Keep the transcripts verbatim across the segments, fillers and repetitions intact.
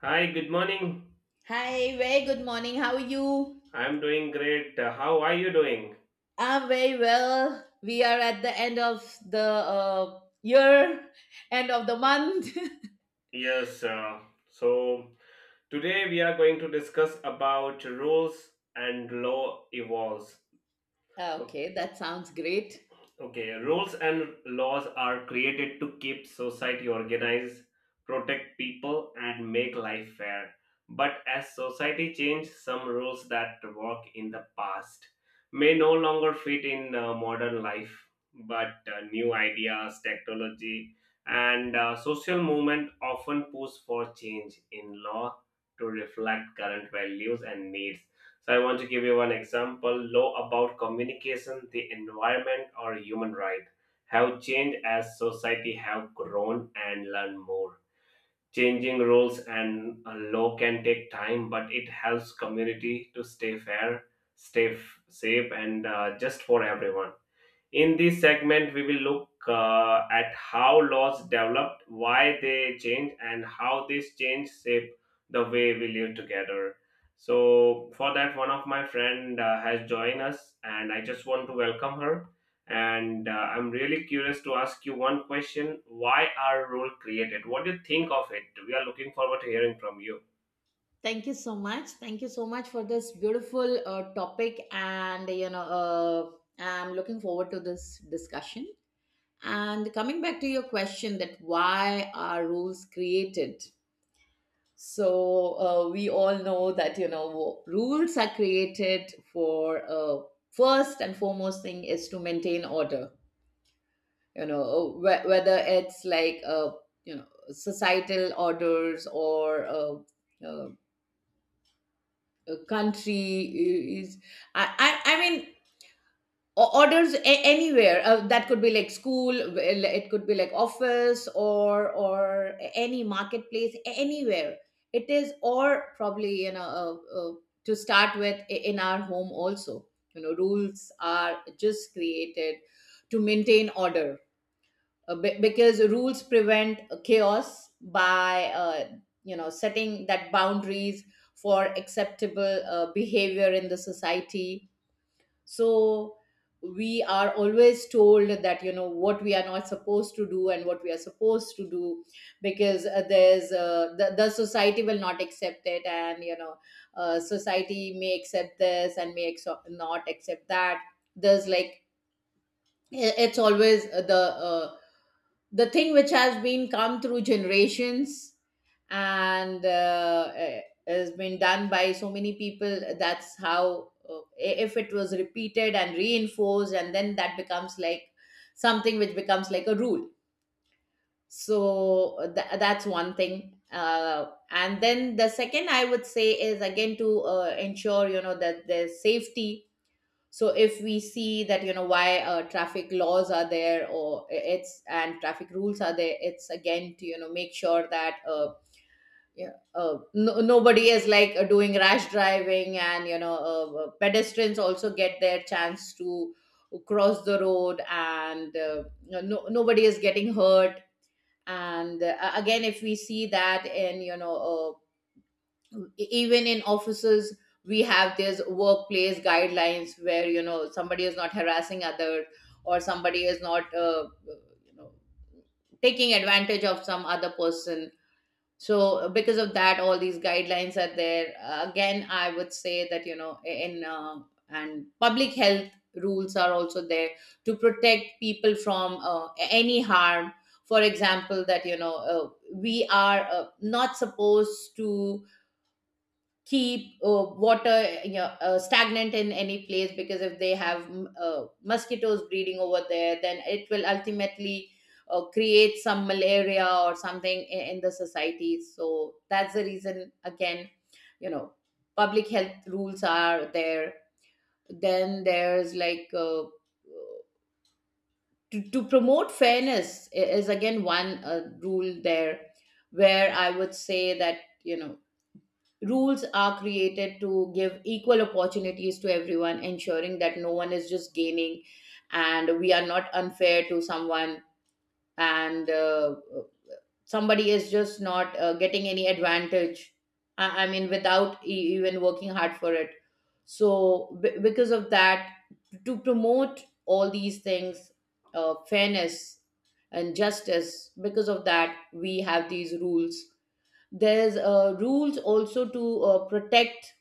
Hi, good morning. Hi, very good morning. How are you? I'm doing great. Uh, How are you doing? I'm very well. We are at the end of the uh, year, end of the month. Yes, uh, so today we are going to discuss about rules and law evolves. Okay, that sounds great. Okay, rules and laws are created to keep society organized, protect people, and make life fair. But as society changes, some rules that work in the past may no longer fit in uh, modern life. But uh, New ideas, technology, and uh, social movement often push for change in law to reflect current values and needs. So I want to give you one example. Law about communication, the environment, or human right have changed as society have grown and learned more. Changing rules and uh, law can take time, but it helps community to stay fair, stay f- safe, and uh, just for everyone. In this segment, we will look uh, at how laws developed, why they change, and how these change shape the way we live together. So, for that, one of my friend uh, has joined us, and I just want to welcome her. And uh, I'm really curious to ask you one question: Why are rules created? What do you think of it? We are looking forward to hearing from you. Thank you so much. Thank you so much for this beautiful uh, topic. And, you know, uh, I'm looking forward to this discussion. And coming back to your question that why are rules created? So uh, we all know that you know rules are created for uh, first and foremost thing is to maintain order. You know wh- whether it's like uh, you know societal orders or uh, uh, a country is. I, I I mean O- orders a- anywhere uh, that could be like school, well, it could be like office or or any marketplace, a- anywhere it is, or probably you know uh, uh, to start with, i- in our home also, you know rules are just created to maintain order uh, be- because rules prevent chaos by uh, you know setting that boundaries for acceptable uh, behavior in the society. So we are always told that you know what we are not supposed to do and what we are supposed to do, because uh, there's uh, the, the society will not accept it. And you know uh, society may accept this and may ex- not accept that. There's like i- it's always uh, the uh, the thing which has been come through generations. And uh, eh, has been done by so many people, that's how uh, if it was repeated and reinforced, and then that becomes like something which becomes like a rule. So tha- that's one thing. Uh, and then the second I would say is again to uh, ensure you know that there's safety. So if we see that you know why uh, traffic laws are there, or it's, and traffic rules are there, it's again to you know make sure that uh, yeah. Uh, no, nobody is like uh, doing rash driving, and you know, uh, uh, pedestrians also get their chance to cross the road, and uh, no, no, nobody is getting hurt. And uh, again, if we see that in you know, uh, e- even in offices, we have these workplace guidelines where you know somebody is not harassing others, or somebody is not uh, you know taking advantage of some other person. So uh, because of that, all these guidelines are there. Uh, again I would say that you know in uh, and public health, rules are also there to protect people from uh, any harm. For example, that you know uh, we are uh, not supposed to keep uh, water, you know, uh, stagnant in any place, because if they have mm, uh, mosquitoes breeding over there, then it will ultimately uh, create some malaria or something in, in the society. So that's the reason, again, you know, public health rules are there. Then there's like uh, to, to promote fairness i- is again one uh, rule there, where I would say that you know rules are created to give equal opportunities to everyone, ensuring that no one is just gaining, and we are not unfair to someone, and uh, somebody is just not uh, getting any advantage. I, I mean, without e- even working hard for it. So, b- because of that, to promote all these things, uh, fairness and justice, because of that, we have these rules. There's uh, rules also to uh, protect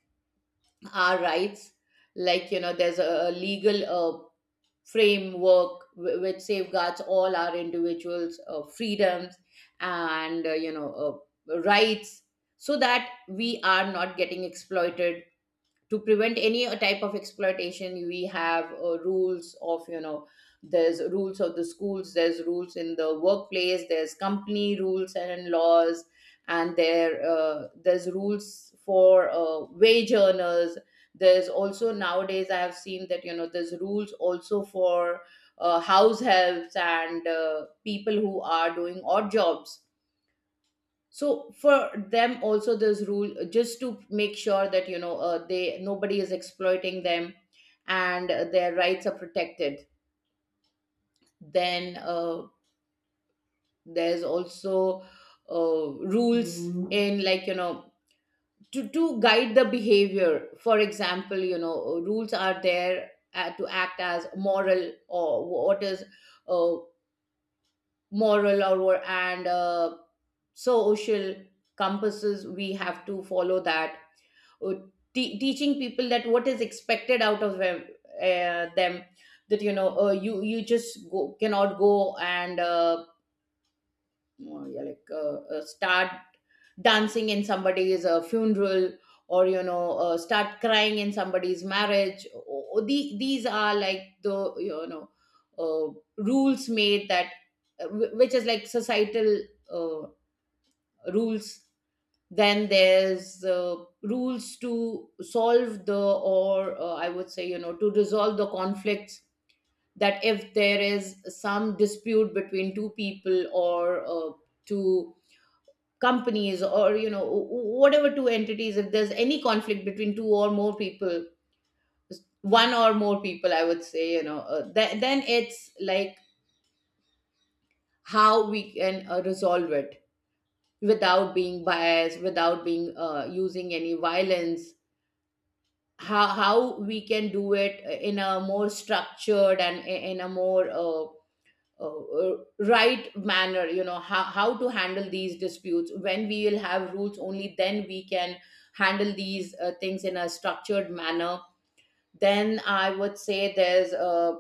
our rights, like you know there's a, a legal uh, framework wh- which safeguards all our individuals' uh, freedoms and uh, you know uh, rights, so that we are not getting exploited. To prevent any uh, type of exploitation, we have uh, rules of you know, there's rules of the schools, there's rules in the workplace, there's company rules and laws, and there uh, there's rules for uh, wage earners. There's also nowadays, I have seen that you know there's rules also for uh, house helps and uh, people who are doing odd jobs. So for them also this rule, uh, just to make sure that you know uh, they nobody is exploiting them, and uh, their rights are protected. Then uh, there's also uh, rules, mhm, in like you know to, to guide the behavior. For example, you know uh, rules are there uh, to act as moral, or what is uh, moral or, and uh, social compasses we have to follow that. Uh, te- Teaching people that what is expected out of them, uh, them that you know uh, you you just go, cannot go and uh, uh, yeah, like uh, uh, start dancing in somebody's uh, funeral, or you know uh, start crying in somebody's marriage. O- o- the, these are like the, you know, uh, rules made that uh, wh- which is like societal uh, rules. Then there's uh, rules to solve the, or uh, I would say you know to resolve the conflicts, that if there is some dispute between two people, or uh, to companies, or you know w- whatever two entities, if there's any conflict between two or more people, one or more people, I would say you know uh, th- then it's like how we can uh, resolve it, without being biased, without being uh, using any violence, how how we can do it in a more structured and i- in a more uh, uh, right manner. You know how, how to handle these disputes, when we will have rules, only then we can handle these uh, things in a structured manner. Then I would say there's uh,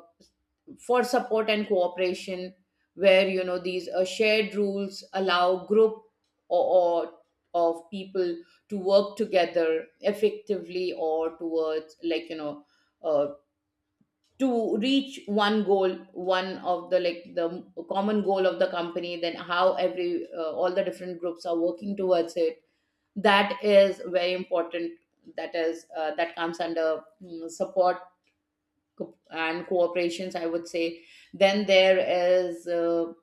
for support and cooperation, where you know these uh, shared rules allow group or, or of people to work together effectively, or towards like you know uh, to reach one goal, one of the like the common goal of the company, then how every uh, all the different groups are working towards it. That is very important. That is uh, that comes under mm, support co- and cooperations, I would say. Then there is uh,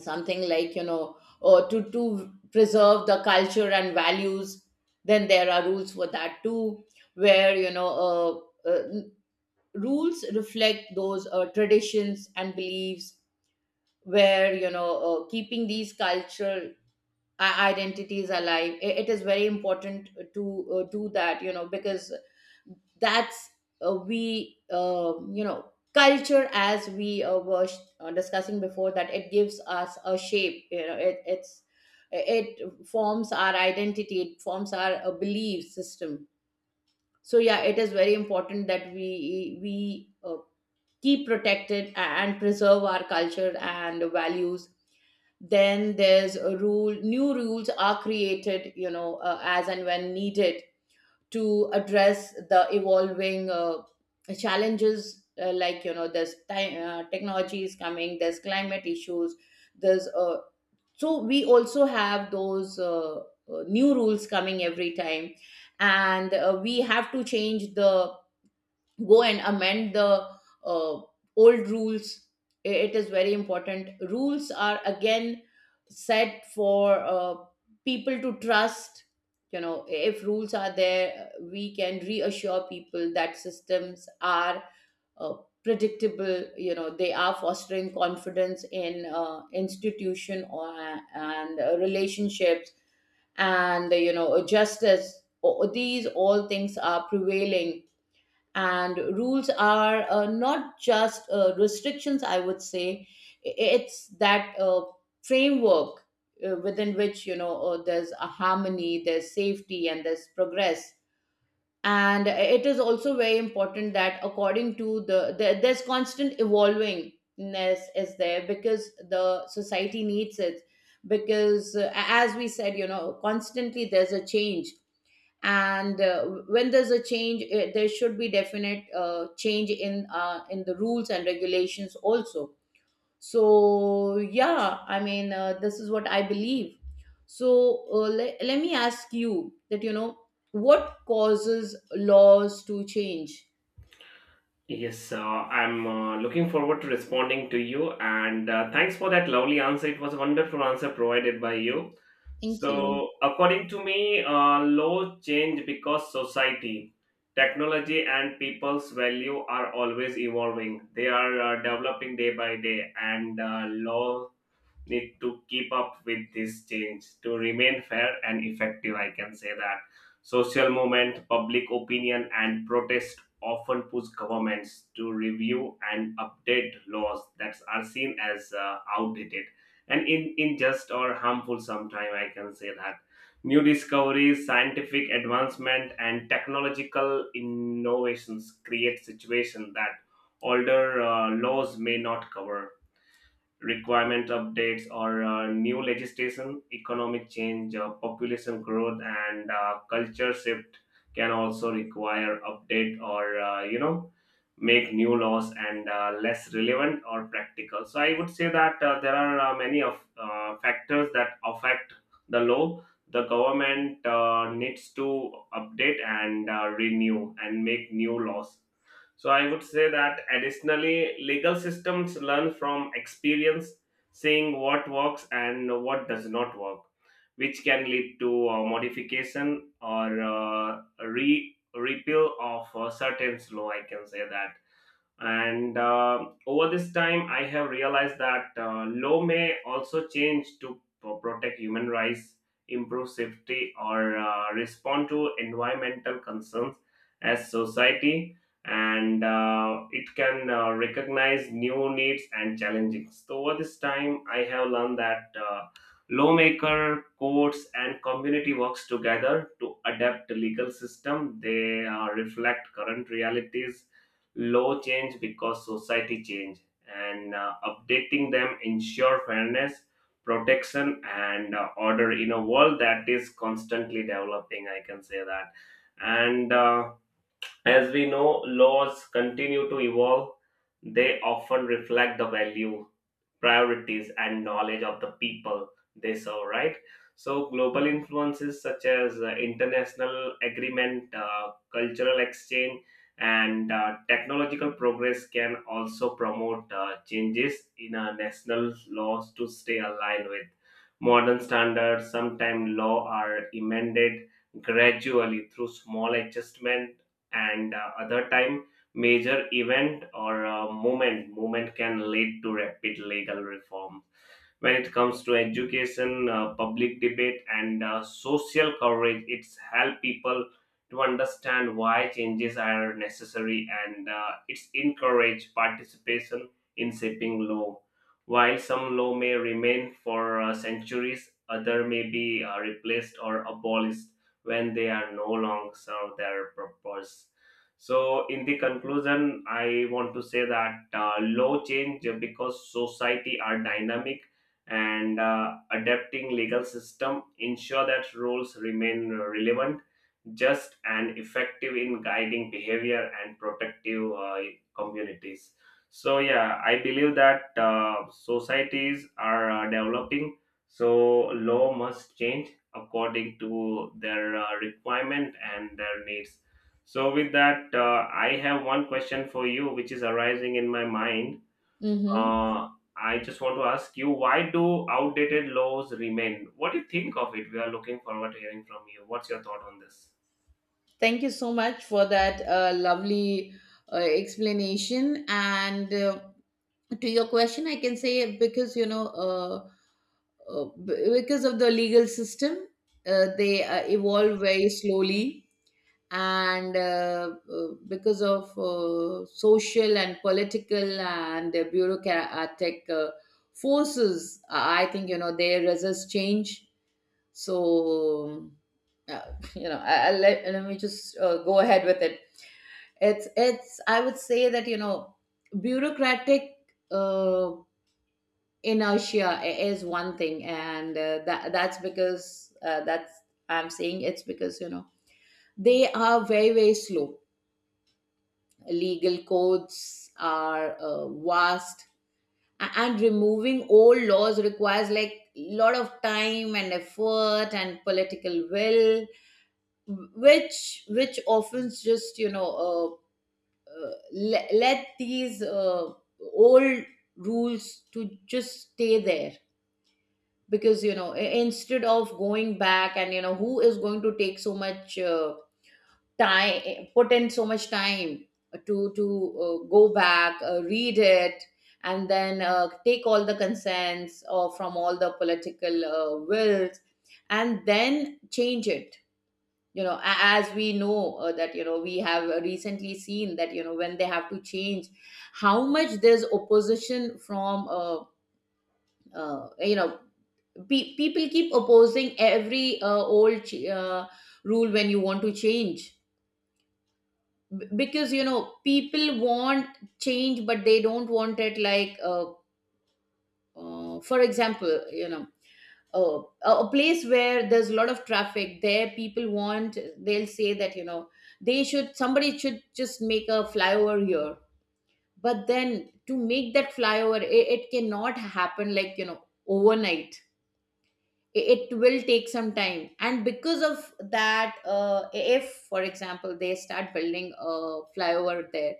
something like you know uh, to to preserve the culture and values, then there are rules for that too, where you know uh, uh, rules reflect those uh, traditions and beliefs, where you know uh, keeping these cultural i- identities alive, i- it is very important to uh, do that. You know, because that's uh, we uh, you know, culture, as we uh, were sh- uh, discussing before, that it gives us a shape, you know, it, it's it forms our identity, it forms our uh, belief system. So yeah, it is very important that we we uh, keep protected and preserve our culture and values. Then there's a rule, new rules are created, you know uh, as and when needed, to address the evolving uh, challenges, uh, like you know there's ti- uh, technology is coming, there's climate issues, there's uh, so we also have those uh, uh, new rules coming every time, and uh, we have to change the, go and amend the uh, old rules. I- it is very important. Rules are again set for uh, people to trust. You know, if rules are there, we can reassure people that systems are uh, predictable, you know they are fostering confidence in uh, institution, or and uh, relationships, and you know justice. O- these all things are prevailing. And rules are uh, not just uh, restrictions, I would say. I- it's that uh, framework uh, within which you know uh, there's a harmony, there's safety, and there's progress. And it is also very important that according to the, the there's constant evolvingness is there, because the society needs it. Because uh, as we said, you know constantly there's a change, and uh, when there's a change, eh, there should be definite uh, change in uh, in the rules and regulations also. So yeah, I mean uh, this is what I believe. So uh, le- let me ask you that, you know, what causes laws to change? Yes, uh, I'm uh, looking forward to responding to you, and uh, thanks for that lovely answer. It was a wonderful answer provided by you. Thank you. So, according to me, uh, laws change because society, technology, and people's value are always evolving. They are uh, developing day by day, and uh, law need to keep up with this change to remain fair and effective. I can say that social movement, public opinion, and protest often push governments to review and update laws that are seen as uh, outdated and in, unjust or harmful sometime. I can say that new discoveries, scientific advancement, and technological innovations create situations that older uh, laws may not cover. Requirement updates or uh, new legislation, economic change, uh, population growth, and uh, culture shift can also require update or uh, you know make new laws and uh, less relevant or practical. So I would say that uh, there are uh, many of uh, factors that affect the law. The government uh, needs to update and uh, renew and make new laws. So I would say that additionally, legal systems learn from experience, seeing what works and what does not work, which can lead to uh, modification or uh, re repeal of uh, certain law. I can say that. And uh, over this time I have realized that uh, law may also change to p- protect human rights, improve safety, or uh, respond to environmental concerns as society, and uh, it can uh, recognize new needs and challenges. So over this time I have learned that uh, lawmaker, courts, and community works together to adapt the legal system. They uh, reflect current realities. Law change because society change, and uh, updating them ensure fairness, protection, and uh, order in a world that is constantly developing. I can say that. And uh, as we know, laws continue to evolve. They often reflect the value, priorities, and knowledge of the people they serve, right? So, global influences such as uh, international agreement, uh, cultural exchange, and uh, technological progress can also promote uh, changes in our national laws to stay aligned with modern standards. Sometimes law are amended gradually through small adjustment, and uh, other time major event or uh, movement movement can lead to rapid legal reform. When it comes to education, uh, public debate, and uh, social coverage, it's help people to understand why changes are necessary, and uh, it's encourage participation in shaping law. While some law may remain for uh, centuries, other may be uh, replaced or abolished when they are no longer serve their purpose. So, in the conclusion, I want to say that uh, law change because society are dynamic, and uh, adapting legal system ensure that rules remain relevant, just, and effective in guiding behavior and protective uh, communities. So yeah, I believe that uh, societies are uh, developing, so law must change according to their uh, requirement and their needs. So with that, uh, I have one question for you, which is arising in my mind. Mm-hmm. uh, I just want to ask you, why do outdated laws remain? What do you think of it? We are looking forward to hearing from you. What's your thought on this? Thank you so much for that uh, lovely uh, explanation and uh, to your question I can say because you know uh, uh, b- because of the legal system, uh, they uh, evolve very slowly, and uh, uh, because of uh, social and political and uh, bureaucratic uh, forces, i I think you know they resist change. So um, uh, you know, I, I let, let me just uh, go ahead with it. It's it's i would say that you know bureaucratic uh, inertia i- is one thing, and uh, that that's because uh, that's I'm saying it's because, you know, they are very very slow. Legal codes are uh, vast, a- and removing old laws requires like a lot of time and effort and political will, which which often just you know uh, uh, let, let these uh, old rules to just stay there. Because you know, i- instead of going back, and you know, who is going to take so much uh, time, eh, put in so much time to to uh, go back, uh, read it, and then uh, take all the consents or from all the political uh, wills, and then change it. You know, a- as we know, uh, that you know, we have recently seen that you know when they have to change, how much there's opposition from uh, uh, you know, Pe- people keep opposing every uh, old ch- uh, rule when you want to change. B- because you know people want change but they don't want it, like uh, uh, for example, you know, uh, a a place where there's a lot of traffic, there people want, they'll say that you know they should, somebody should just make a flyover here. But then to make that flyover, it, it cannot happen like, you know, overnight. I- it will take some time, and because of that, uh, if for example they start building a flyover there,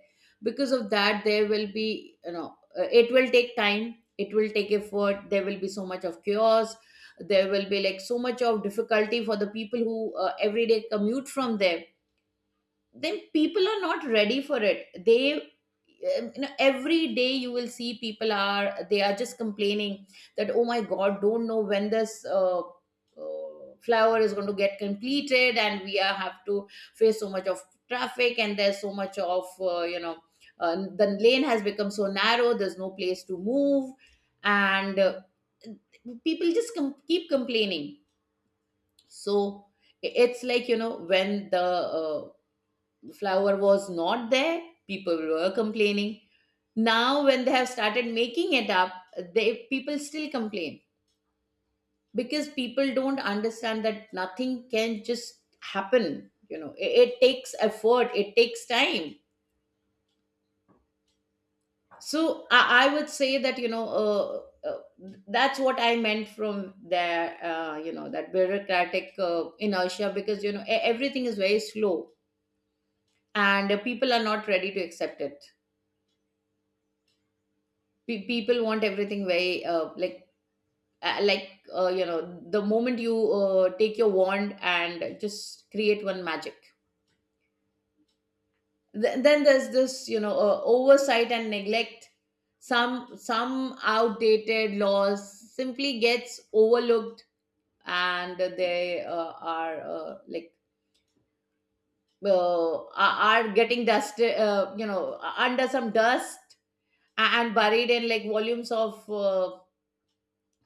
because of that there will be, you know, uh, it will take time, it will take effort, there will be so much of chaos, there will be like so much of difficulty for the people who uh, every day commute from there. Then people are not ready for it, they um, you know, every day you will see people are, they are just complaining that, oh my god, don't know when this uh, uh, flower is going to get completed, and we are, have to face so much of traffic, and there's so much of uh, you know, uh, the lane has become so narrow, there's no place to move. And uh, people just com- keep complaining. So i- it's like, you know, when the uh, the flour was not there, people were complaining. Now when they have started making it up, they, people still complain, because people don't understand that nothing can just happen, you know, it, it takes effort, it takes time. So i, I would say that you know uh, uh, that's what I meant from there, uh, you know that bureaucratic uh, inertia, because you know e- everything is very slow, and uh, people are not ready to accept it. Pe- people want everything very uh, like uh, like uh, you know, the moment you uh, take your wand and just create one magic. Th- then there's this, you know, uh, oversight and neglect. Some some outdated laws simply gets overlooked, and they uh, are uh, like uh, are are getting dusted, uh, you know, under some dust, and buried in like volumes of uh,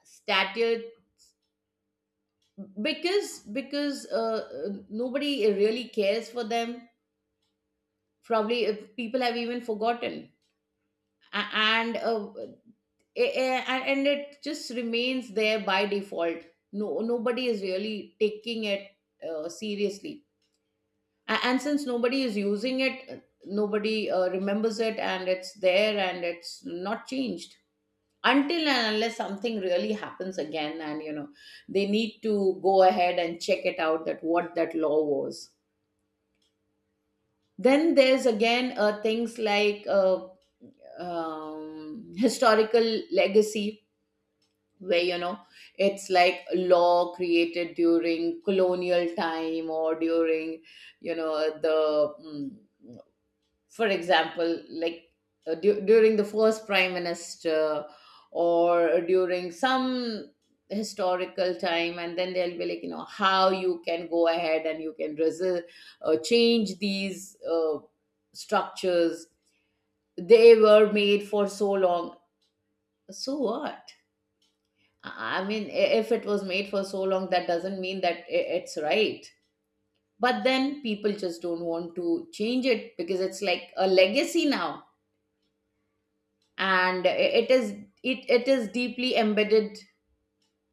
statutes, because because uh, uh, nobody really cares for them. Probably uh, people have even forgotten. A- and uh, a- a- and it just remains there by default. No nobody is really taking it uh, seriously. A- and since nobody is using it, uh, nobody uh, remembers it, and it's there, and it's not changed until and unless something really happens again, and you know, they need to go ahead and check it out that what that law was. Then there's again uh, things like uh, um, historical legacy, where you know it's like law created during colonial time or during you know the, mm, for example like uh, du- during the first prime minister, or during some historical time, and then they'll be like, you know, how you can go ahead and you can resist, uh, change these uh, structures, they were made for so long. So what, i I mean, i- if it was made for so long, that doesn't mean that i- it's right. But then people just don't want to change it because it's like a legacy now, and it is, it, it is deeply embedded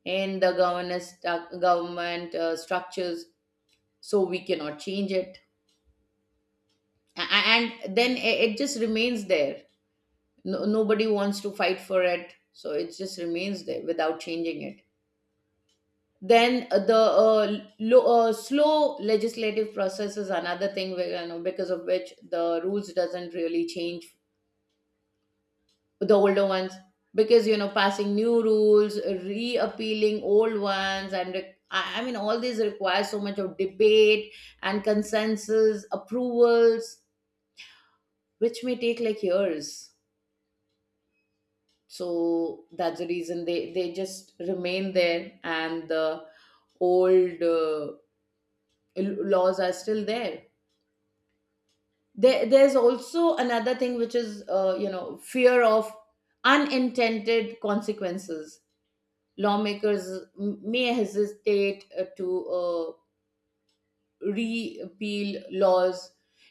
in the governance stu- government uh, structures, so we cannot change it. A- and then i- it just remains there. No, nobody wants to fight for it, so it just remains there without changing it. Then uh, the uh, lo- uh, slow legislative process is another thing, where, you know, because of which the rules doesn't really change, the older ones, because you know passing new rules, reappealing old ones, and re- i I mean, all these require so much of debate and consensus approvals, which may take like years. So that's the reason they they just remain there, and the old uh, l- laws are still there. There, there's also another thing, which is uh, you know, fear of unintended consequences. Lawmakers m- may hesitate uh, to uh, repeal laws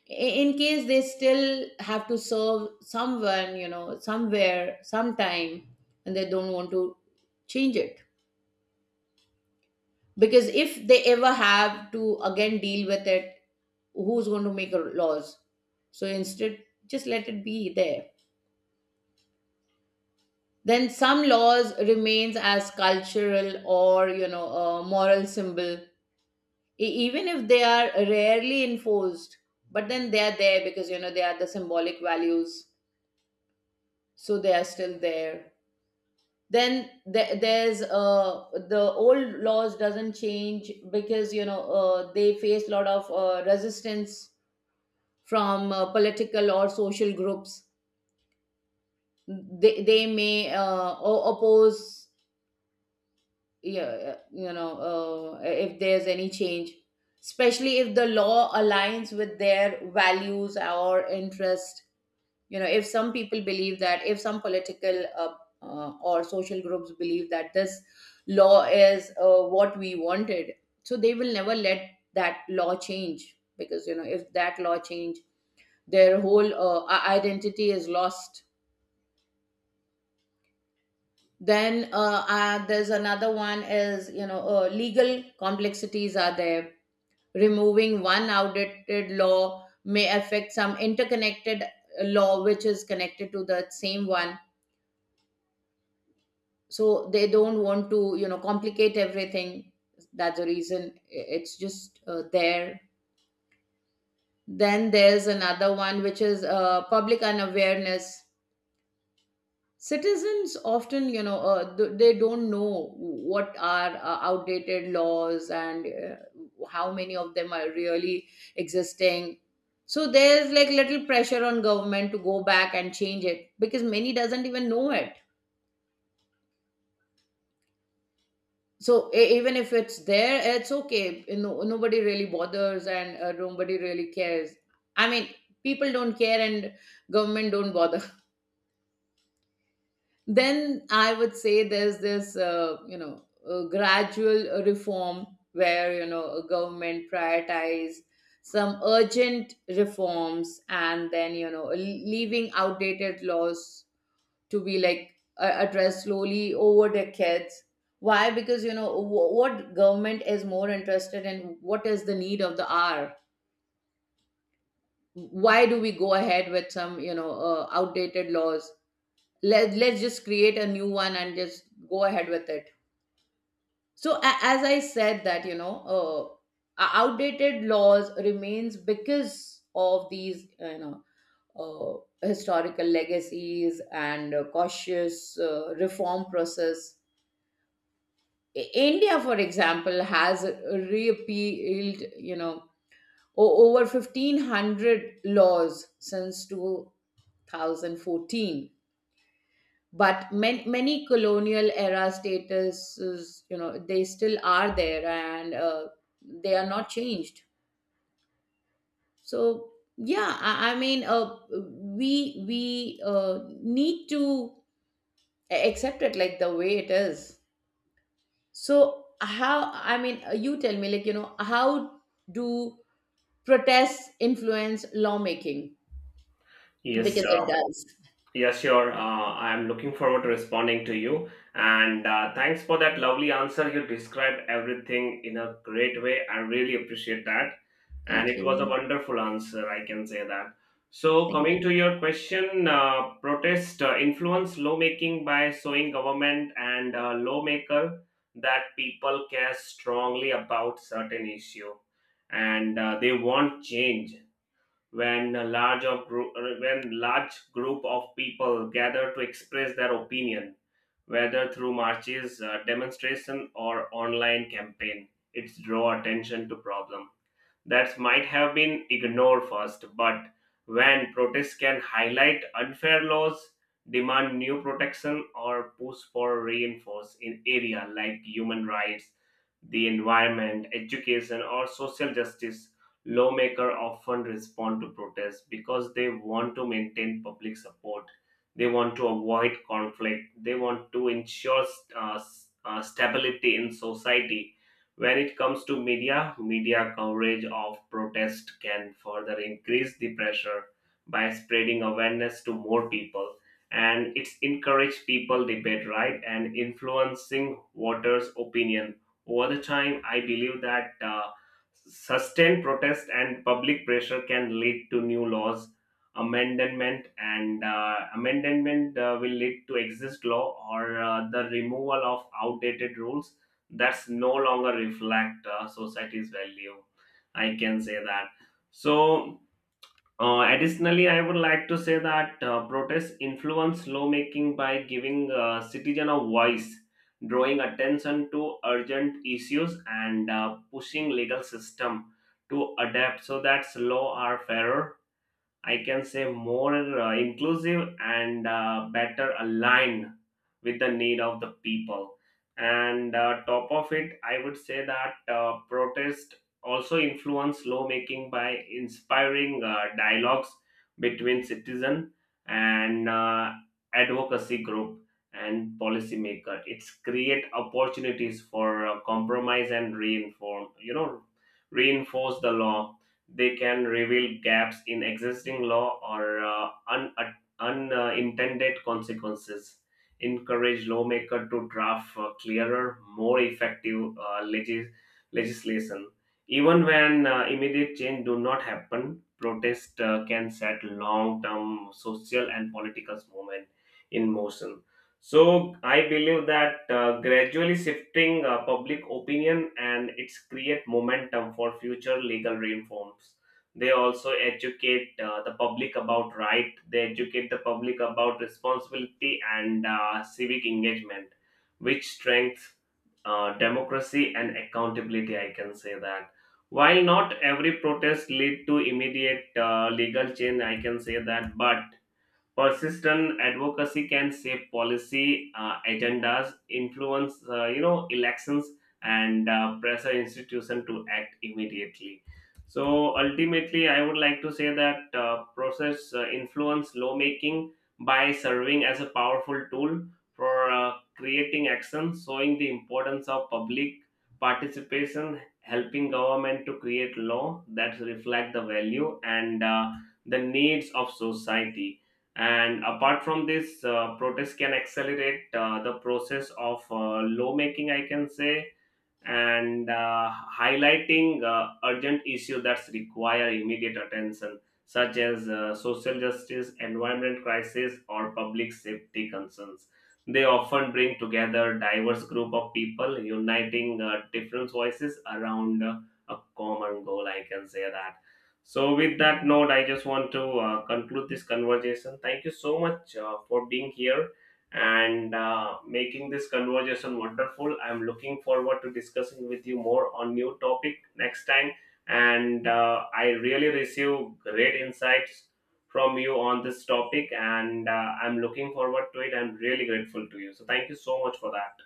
i- in case they still have to serve someone, you know, somewhere, sometime, and they don't want to change it, because if they ever have to again deal with it, who's going to make a laws? So instead just let it be there. Then some laws remains as cultural or, you know, a moral symbol. E- even if they are rarely enforced, but then they are there because you know they are the symbolic values, so they are still there. Then there, there's uh the old laws doesn't change because you know uh, they face a lot of uh, resistance from uh, political or social groups. They, they may uh, o- oppose, yeah, uh, you know, uh, if there's any change, especially if the law aligns with their values or interests. You know, if some people believe that, if some political uh, uh, or social groups believe that this law is uh, what we wanted, so they will never let that law change, because you know if that law change, their whole uh, i- identity is lost. Then uh, uh, there's another one is, you know, uh, legal complexities are there. Removing one outdated law may affect some interconnected law which is connected to the same one, so they don't want to, you know, complicate everything. That's the reason i- it's just uh, there. Then there's another one which is uh, public unawareness. Citizens often, you know, uh, th- they don't know what are uh, outdated laws and uh, how many of them are really existing. So there's like little pressure on government to go back and change it, because many doesn't even know it. So e- even if it's there, it's okay. You know, nobody really bothers, and uh, nobody really cares. I mean, people don't care, and government don't bother. Then I would say there's this, uh, you know, uh, gradual uh, reform, where you know a government prioritize some urgent reforms, and then you know leaving outdated laws to be like uh, addressed slowly over decades. Why? Because you know wh- what government is more interested in what is the need of the hour. Why do we go ahead with some, you know, uh, outdated laws? Let, let's just create a new one and just go ahead with it. So a- as I said that, you know, uh, o- outdated laws remains because of these, you know, uh, historical legacies and uh, cautious uh, reform process. I- India, for example, has repealed, you know, o- over fifteen hundred laws since twenty fourteen. But man- many colonial era statuses, you know, they still are there, and uh, they are not changed. So, yeah, I, I mean, uh, we, we uh, need to accept it like the way it is. So how, I mean, uh, you tell me, like you know, how do protests influence lawmaking? Yes. Because it does. Yeah, sure. Uh, I'm looking forward to responding to you. And uh, thanks for that lovely answer. You described everything in a great way. I really appreciate that. And Thank it was a you. wonderful answer, I can say that. So, Thank coming you. to your question, uh, protest uh, influence lawmaking by showing government and uh, lawmaker that people care strongly about certain issue, and uh, they want change. When a large of group when large group of people gather to express their opinion, whether through marches, uh, demonstration, or online campaign, it's draw attention to problem that might have been ignored first, but when protests can highlight unfair laws, demand new protection, or push for reinforce in area like human rights, the environment, education, or social justice, lawmakers often respond to protests because they want to maintain public support. They want to avoid conflict. They want to ensure uh, s- uh, stability in society. When it comes to media, media coverage of protest can further increase the pressure by spreading awareness to more people, and it's encourage people debate, right, and influencing voters opinion. Over the time I believe that uh, sustained protest and public pressure can lead to new laws amendment, and uh, amendment uh, will lead to exist law or uh, the removal of outdated rules that's no longer reflect uh, society's value. I can say that. So uh, additionally, I would like to say that uh, protests influence lawmaking by giving uh, citizen a voice, drawing attention to urgent issues, and uh, pushing legal system to adapt so that law are fairer, I can say, more uh, inclusive and uh, better aligned with the need of the people. And uh, top of it, I would say that uh, protest also influence lawmaking by inspiring uh, dialogues between citizen and uh, advocacy group and policymaker. It's create opportunities for uh, compromise and reinform you know reinforce the law. They can reveal gaps in existing law or uh, un- uh, unintended consequences, encourage lawmakers to draft uh, clearer, more effective uh, legis- legislation. Even when uh, immediate change do not happen, protest uh, can set long-term social and political movement in motion. So I believe that uh, gradually shifting uh, public opinion, and its create momentum for future legal reforms. They also educate uh, the public about right, they educate the public about responsibility and uh, civic engagement, which strengths uh, democracy and accountability. I can say that while not every protest lead to immediate uh, legal change, I can say that, but persistent advocacy can shape policy uh, agendas, influence, uh, you know elections, and uh, pressure institution to act immediately. So ultimately, I would like to say that uh, process uh, influence lawmaking by serving as a powerful tool for uh, creating action, showing the importance of public participation, helping government to create law that reflect the value and uh, the needs of society. And apart from this, uh, protests can accelerate uh, the process of uh, lawmaking, I can say, and uh, highlighting uh, urgent issues that require immediate attention, such as uh, social justice, environment crisis, or public safety concerns. They often bring together diverse group of people, uniting uh, different voices around uh, a common goal. I can say that. So, with that note, I just want to uh, conclude this conversation. Thank you so much uh, for being here and uh, making this conversation wonderful. I'm looking forward to discussing with you more on new topic next time. And uh, I really receive great insights from you on this topic, and uh, I'm looking forward to it. I'm really grateful to you. So thank you so much for that.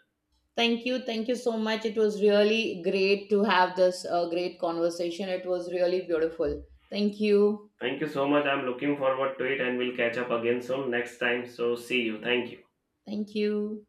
Thank you. Thank you so much. It was really great to have this uh, great conversation. It was really beautiful. Thank you. Thank you so much. I'm looking forward to it, and we'll catch up again soon next time. So see you. Thank you. Thank you.